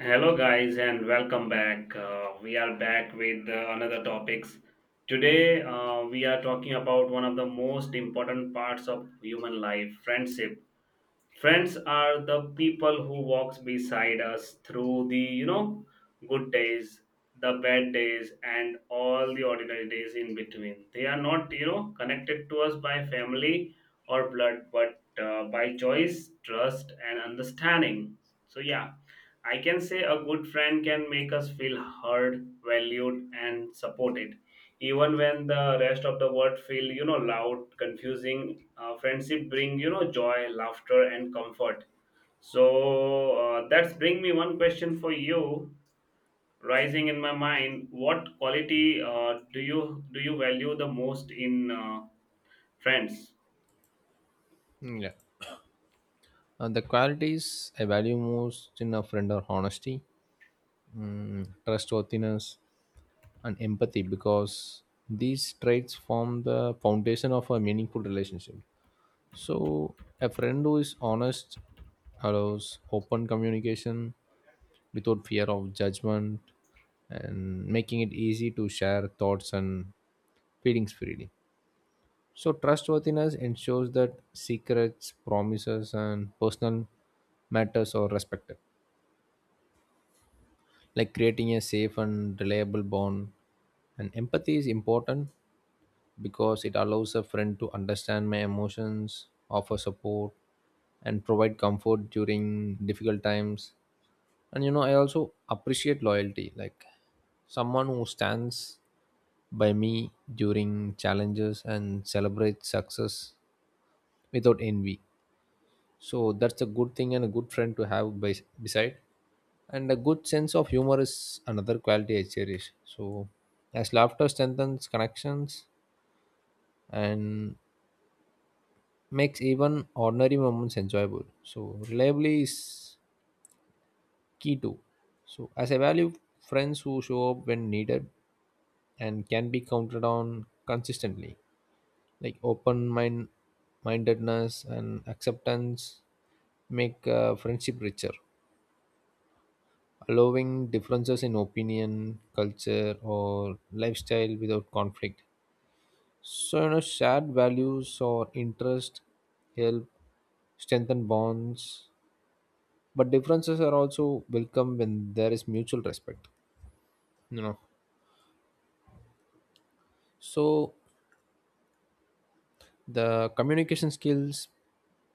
Hello, guys, and welcome back. We are back with another topics. Today, we are talking about one of the most important parts of human life, friendship. Friends are the people who walks beside us through the good days, the bad days, and all the ordinary days in between. They are not connected to us by family or blood, but by choice, trust, and understanding. So yeah, I can say a good friend can make us feel heard, valued, and supported even when the rest of the world feel loud, confusing. Friendship bring joy, laughter, and comfort. So that's bring me one question for you rising in my mind: what quality do you value the most in friends? Yeah. The qualities I value most in a friend are honesty, trustworthiness, and empathy, because these traits form the foundation of a meaningful relationship. So a friend who is honest allows open communication without fear of judgment, and making it easy to share thoughts and feelings freely. So trustworthiness ensures that secrets, promises, and personal matters are respected, like creating a safe and reliable bond. And empathy is important because it allows a friend to understand my emotions, offer support, and provide comfort during difficult times. And you know, I also appreciate loyalty, like someone who stands by me during challenges and celebrates success without envy, so that's a good thing and a good friend to have by, beside. And a good sense of humor is another quality I cherish, so as laughter strengthens connections and makes even ordinary moments enjoyable. So reliably is key too, so as I value friends who show up when needed and can be counted on consistently. Like open mind mindedness and acceptance make friendship richer, allowing differences in opinion, culture, or lifestyle without conflict. So, you know, shared values or interest help strengthen bonds, but differences are also welcome when there is mutual respect. You know, so the communication skills,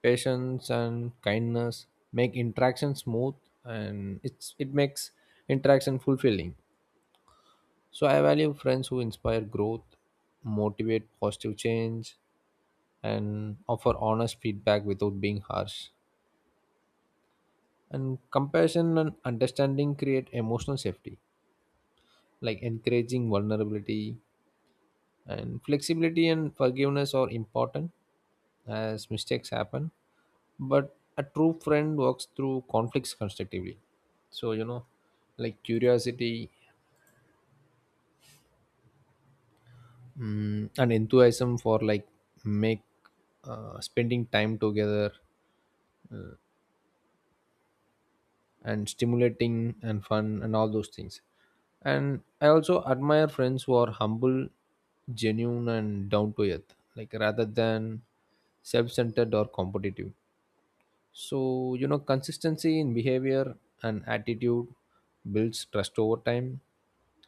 patience, and kindness make interaction smooth, and it makes interaction fulfilling. So I value friends who inspire growth, motivate positive change, and offer honest feedback without being harsh. And compassion and understanding create emotional safety, like encouraging vulnerability, and flexibility and forgiveness are important as mistakes happen. But a true friend works through conflicts constructively. So, you know, like curiosity, and enthusiasm for like make spending time together and stimulating and fun and all those things. And I also admire friends who are humble, genuine, and down to earth, like rather than self-centered or competitive. So you know, consistency in behavior and attitude builds trust over time,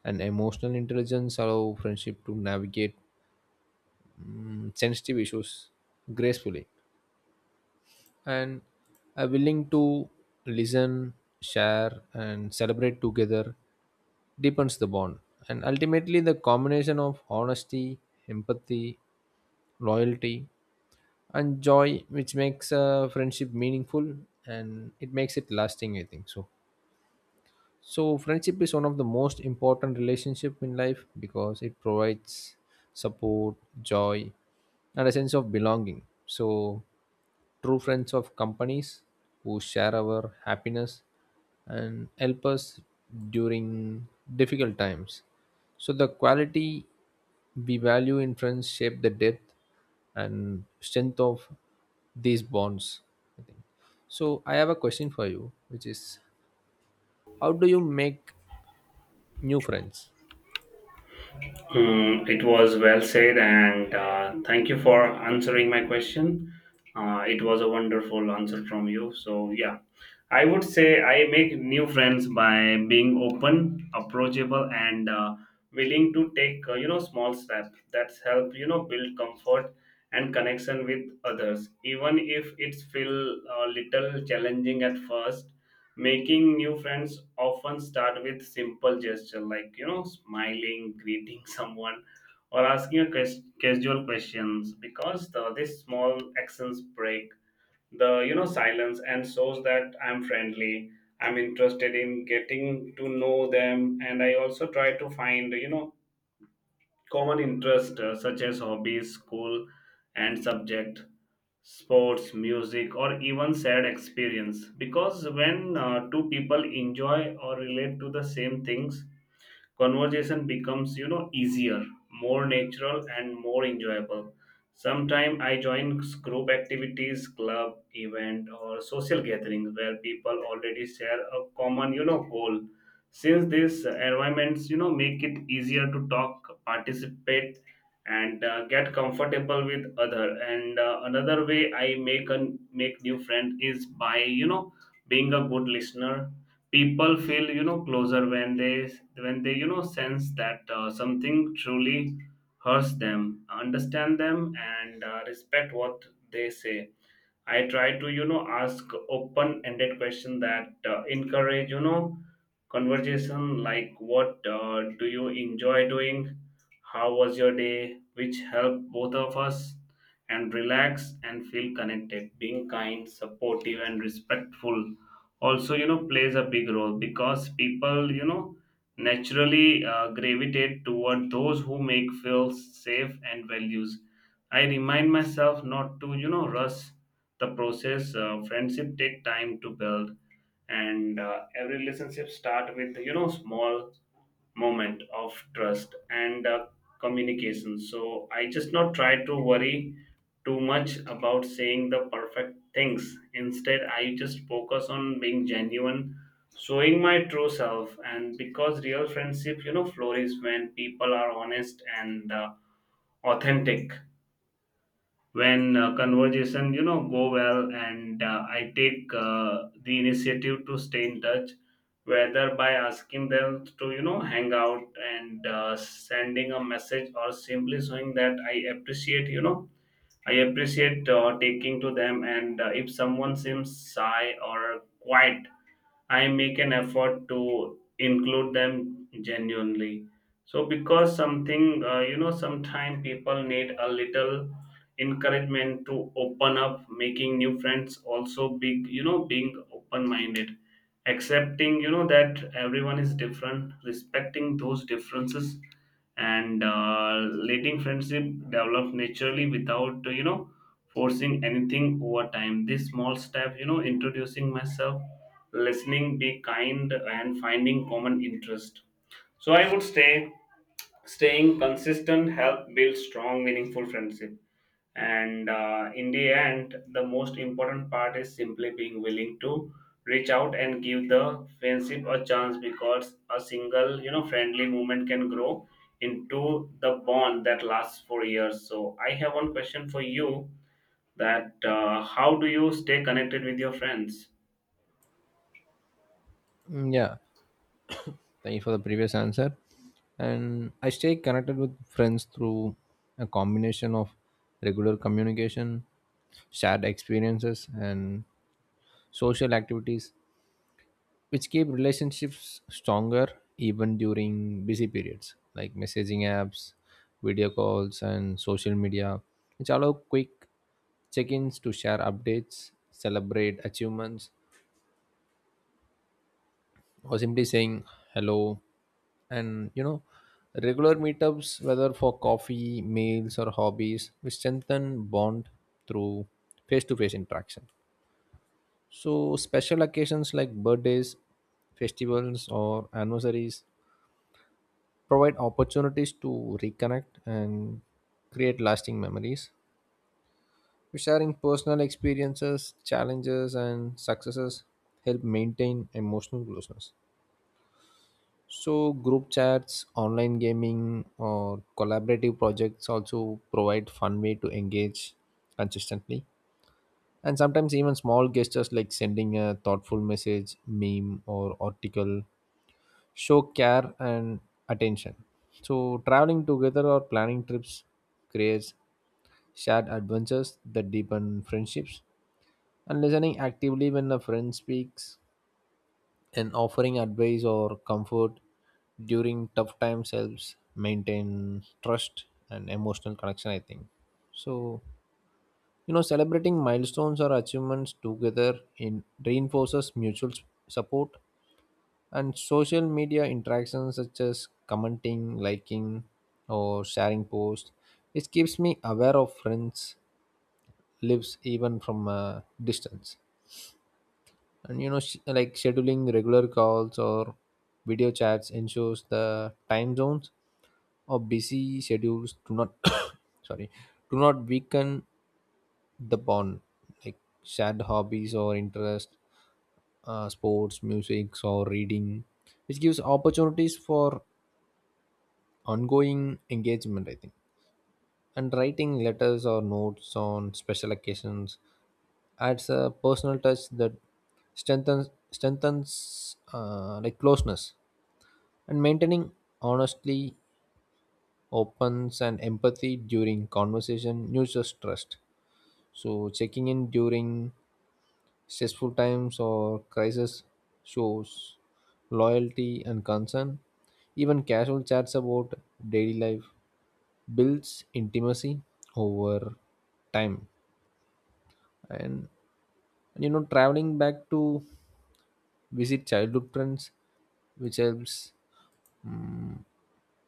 and emotional intelligence allow friendship to navigate sensitive issues gracefully, and are willing to listen, share, and celebrate together, deepens the bond. And ultimately, the combination of honesty, empathy, loyalty, and joy, which makes a friendship meaningful, and it makes it lasting, I think so. So friendship is one of the most important relationship in life, because it provides support, joy, and a sense of belonging. So true friends of companies who share our happiness and help us during difficult times. So the quality we value in friends shape the depth and strength of these bonds, I think. So I have a question for you, which is how do you make new friends. Mm, it was well said, and thank you for answering my question. It was a wonderful answer from you. So, yeah, I would say I make new friends by being open, approachable, and willing to take small steps that help build comfort and connection with others, even if it's feel a little challenging at first. Making new friends often start with simple gesture like smiling, greeting someone, or asking a casual questions because this small actions break the silence and shows that I'm friendly, I'm interested in getting to know them. And I also try to find common interests, such as hobbies, school, and subject, sports, music, or even sad experience. Because when two people enjoy or relate to the same things, conversation becomes easier, more natural, and more enjoyable. Sometimes I join group activities, club event, or social gatherings where people already share a common goal, since these environments make it easier to talk, participate, and get comfortable with other. And another way I make a make new friend is by being a good listener. People feel closer when they sense that something truly hurts them, understand them, and respect what they say. I try to, ask open-ended question that encourage, conversation like what do you enjoy doing? How was your day? Which help both of us and relax and feel connected. Being kind, supportive, and respectful also, plays a big role because people, naturally gravitate toward those who make feel safe and values. I remind myself not to, rush the process. Friendship take time to build, and every relationship start with small moment of trust and communication. So I just not try to worry too much about saying the perfect things. Instead, I just focus on being genuine, showing my true self, and because real friendship flourish when people are honest and authentic. When conversation go well, and I take the initiative to stay in touch, whether by asking them to hang out and sending a message, or simply showing that I appreciate taking to them. And if someone seems shy or quiet, I make an effort to include them genuinely. So because sometimes people need a little encouragement to open up, making new friends. Also, big being open-minded, accepting that everyone is different, respecting those differences, and letting friendship develop naturally without forcing anything over time. This small step, introducing myself, listening, be kind, and finding common interest. So I would say staying consistent help build strong, meaningful friendship. And in the end, the most important part is simply being willing to reach out and give the friendship a chance, because a single, friendly moment can grow into the bond that lasts for years. So I have one question for you: that how do you stay connected with your friends? Yeah, thank you for the previous answer. And I stay connected with friends through a combination of regular communication, shared experiences, and social activities, which keep relationships stronger even during busy periods, like messaging apps, video calls, and social media, which allow quick check ins to share updates, celebrate achievements, or simply saying hello. And you know, regular meetups, whether for coffee, meals, or hobbies, we strengthen bond through face-to-face interaction. So special occasions like birthdays, festivals, or anniversaries provide opportunities to reconnect and create lasting memories. Sharing personal experiences, challenges, and successes help maintain emotional closeness. So group chats, online gaming, or collaborative projects also provide fun way to engage consistently. And sometimes even small gestures like sending a thoughtful message, meme, or article show care and attention. So traveling together or planning trips creates shared adventures that deepen friendships. And listening actively when a friend speaks and offering advice or comfort during tough times helps maintain trust and emotional connection, I think. So you know, celebrating milestones or achievements together in reinforces mutual support, and social media interactions such as commenting, liking, or sharing posts, it keeps me aware of friends lives even from a distance. And you know, like scheduling regular calls or video chats ensures the time zones or busy schedules do not sorry, do not weaken the bond. Like shared hobbies or interest, sports, music, or reading, which gives opportunities for ongoing engagement, I think. And writing letters or notes on special occasions adds a personal touch that strengthens like closeness, and maintaining honestly opens and empathy during conversation nurtures trust. So checking in during stressful times or crisis shows loyalty and concern. Even casual chats about daily life builds intimacy over time. And you know, traveling back to visit childhood friends, which helps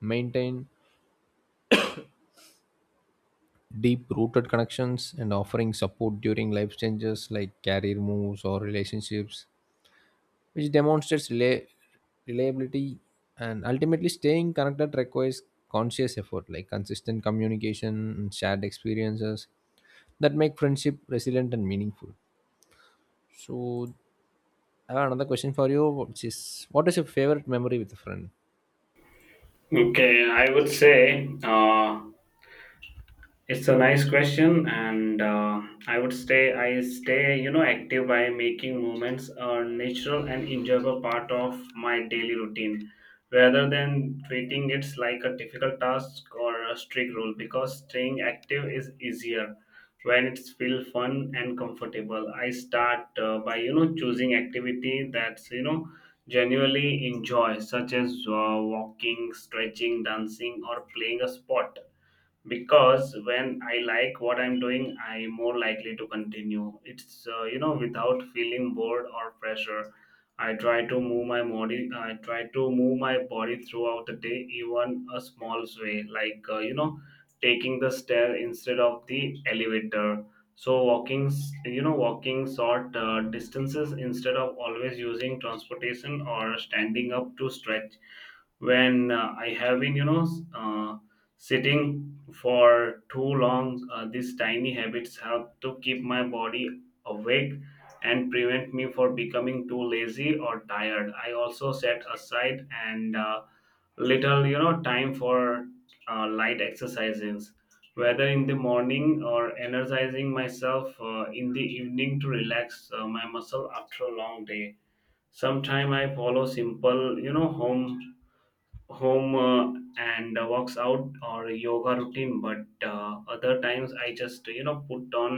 maintain deep rooted connections, and offering support during life changes like career moves or relationships, which demonstrates reliability. And ultimately staying connected requires conscious effort, like consistent communication and shared experiences that make friendship resilient and meaningful. So I have another question for you, which is what is your favorite memory with a friend? Okay, I would say it's a nice question, and I would say I stay, active by making movements a natural and enjoyable part of my daily routine, rather than treating it like a difficult task or a strict rule. Because staying active is easier when it's feel fun and comfortable. I start by choosing activity that's genuinely enjoy, such as walking, stretching, dancing, or playing a sport. Because when I like what I'm doing, I'm more likely to continue it's without feeling bored or pressure. I try to move my body throughout the day, even a small way, like taking the stair instead of the elevator. So walking s- you know walking short distances instead of always using transportation, or standing up to stretch when I have been sitting for too long. These tiny habits help to keep my body awake and prevent me for becoming too lazy or tired. I also set aside and little time for light exercises, whether in the morning or energizing myself in the evening to relax my muscle after a long day. Sometime I follow simple home and walks out or yoga routine, but other times I just put on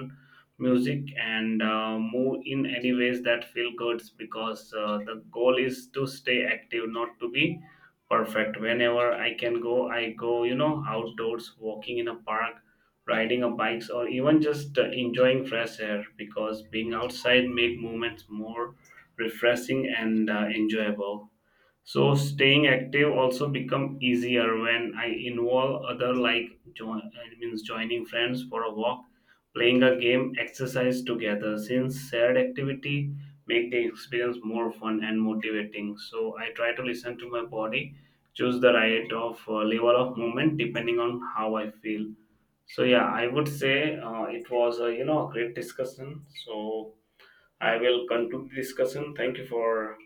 music and move in any ways that feel good, because the goal is to stay active, not to be perfect. Whenever I can go, I go outdoors, walking in a park, riding a bikes, or even just enjoying fresh air, because being outside make moments more refreshing and enjoyable. So staying active also become easier when I involve other, like join it means joining friends for a walk, playing a game, exercise together. Since shared activity make the experience more fun and motivating. So I try to listen to my body, choose the right of level of movement depending on how I feel. So yeah, I would say it was a, a great discussion. So I will conclude the discussion. Thank you for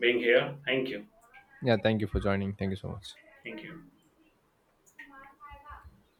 being here. Thank you. Yeah, thank you for joining. Thank you so much. Thank you.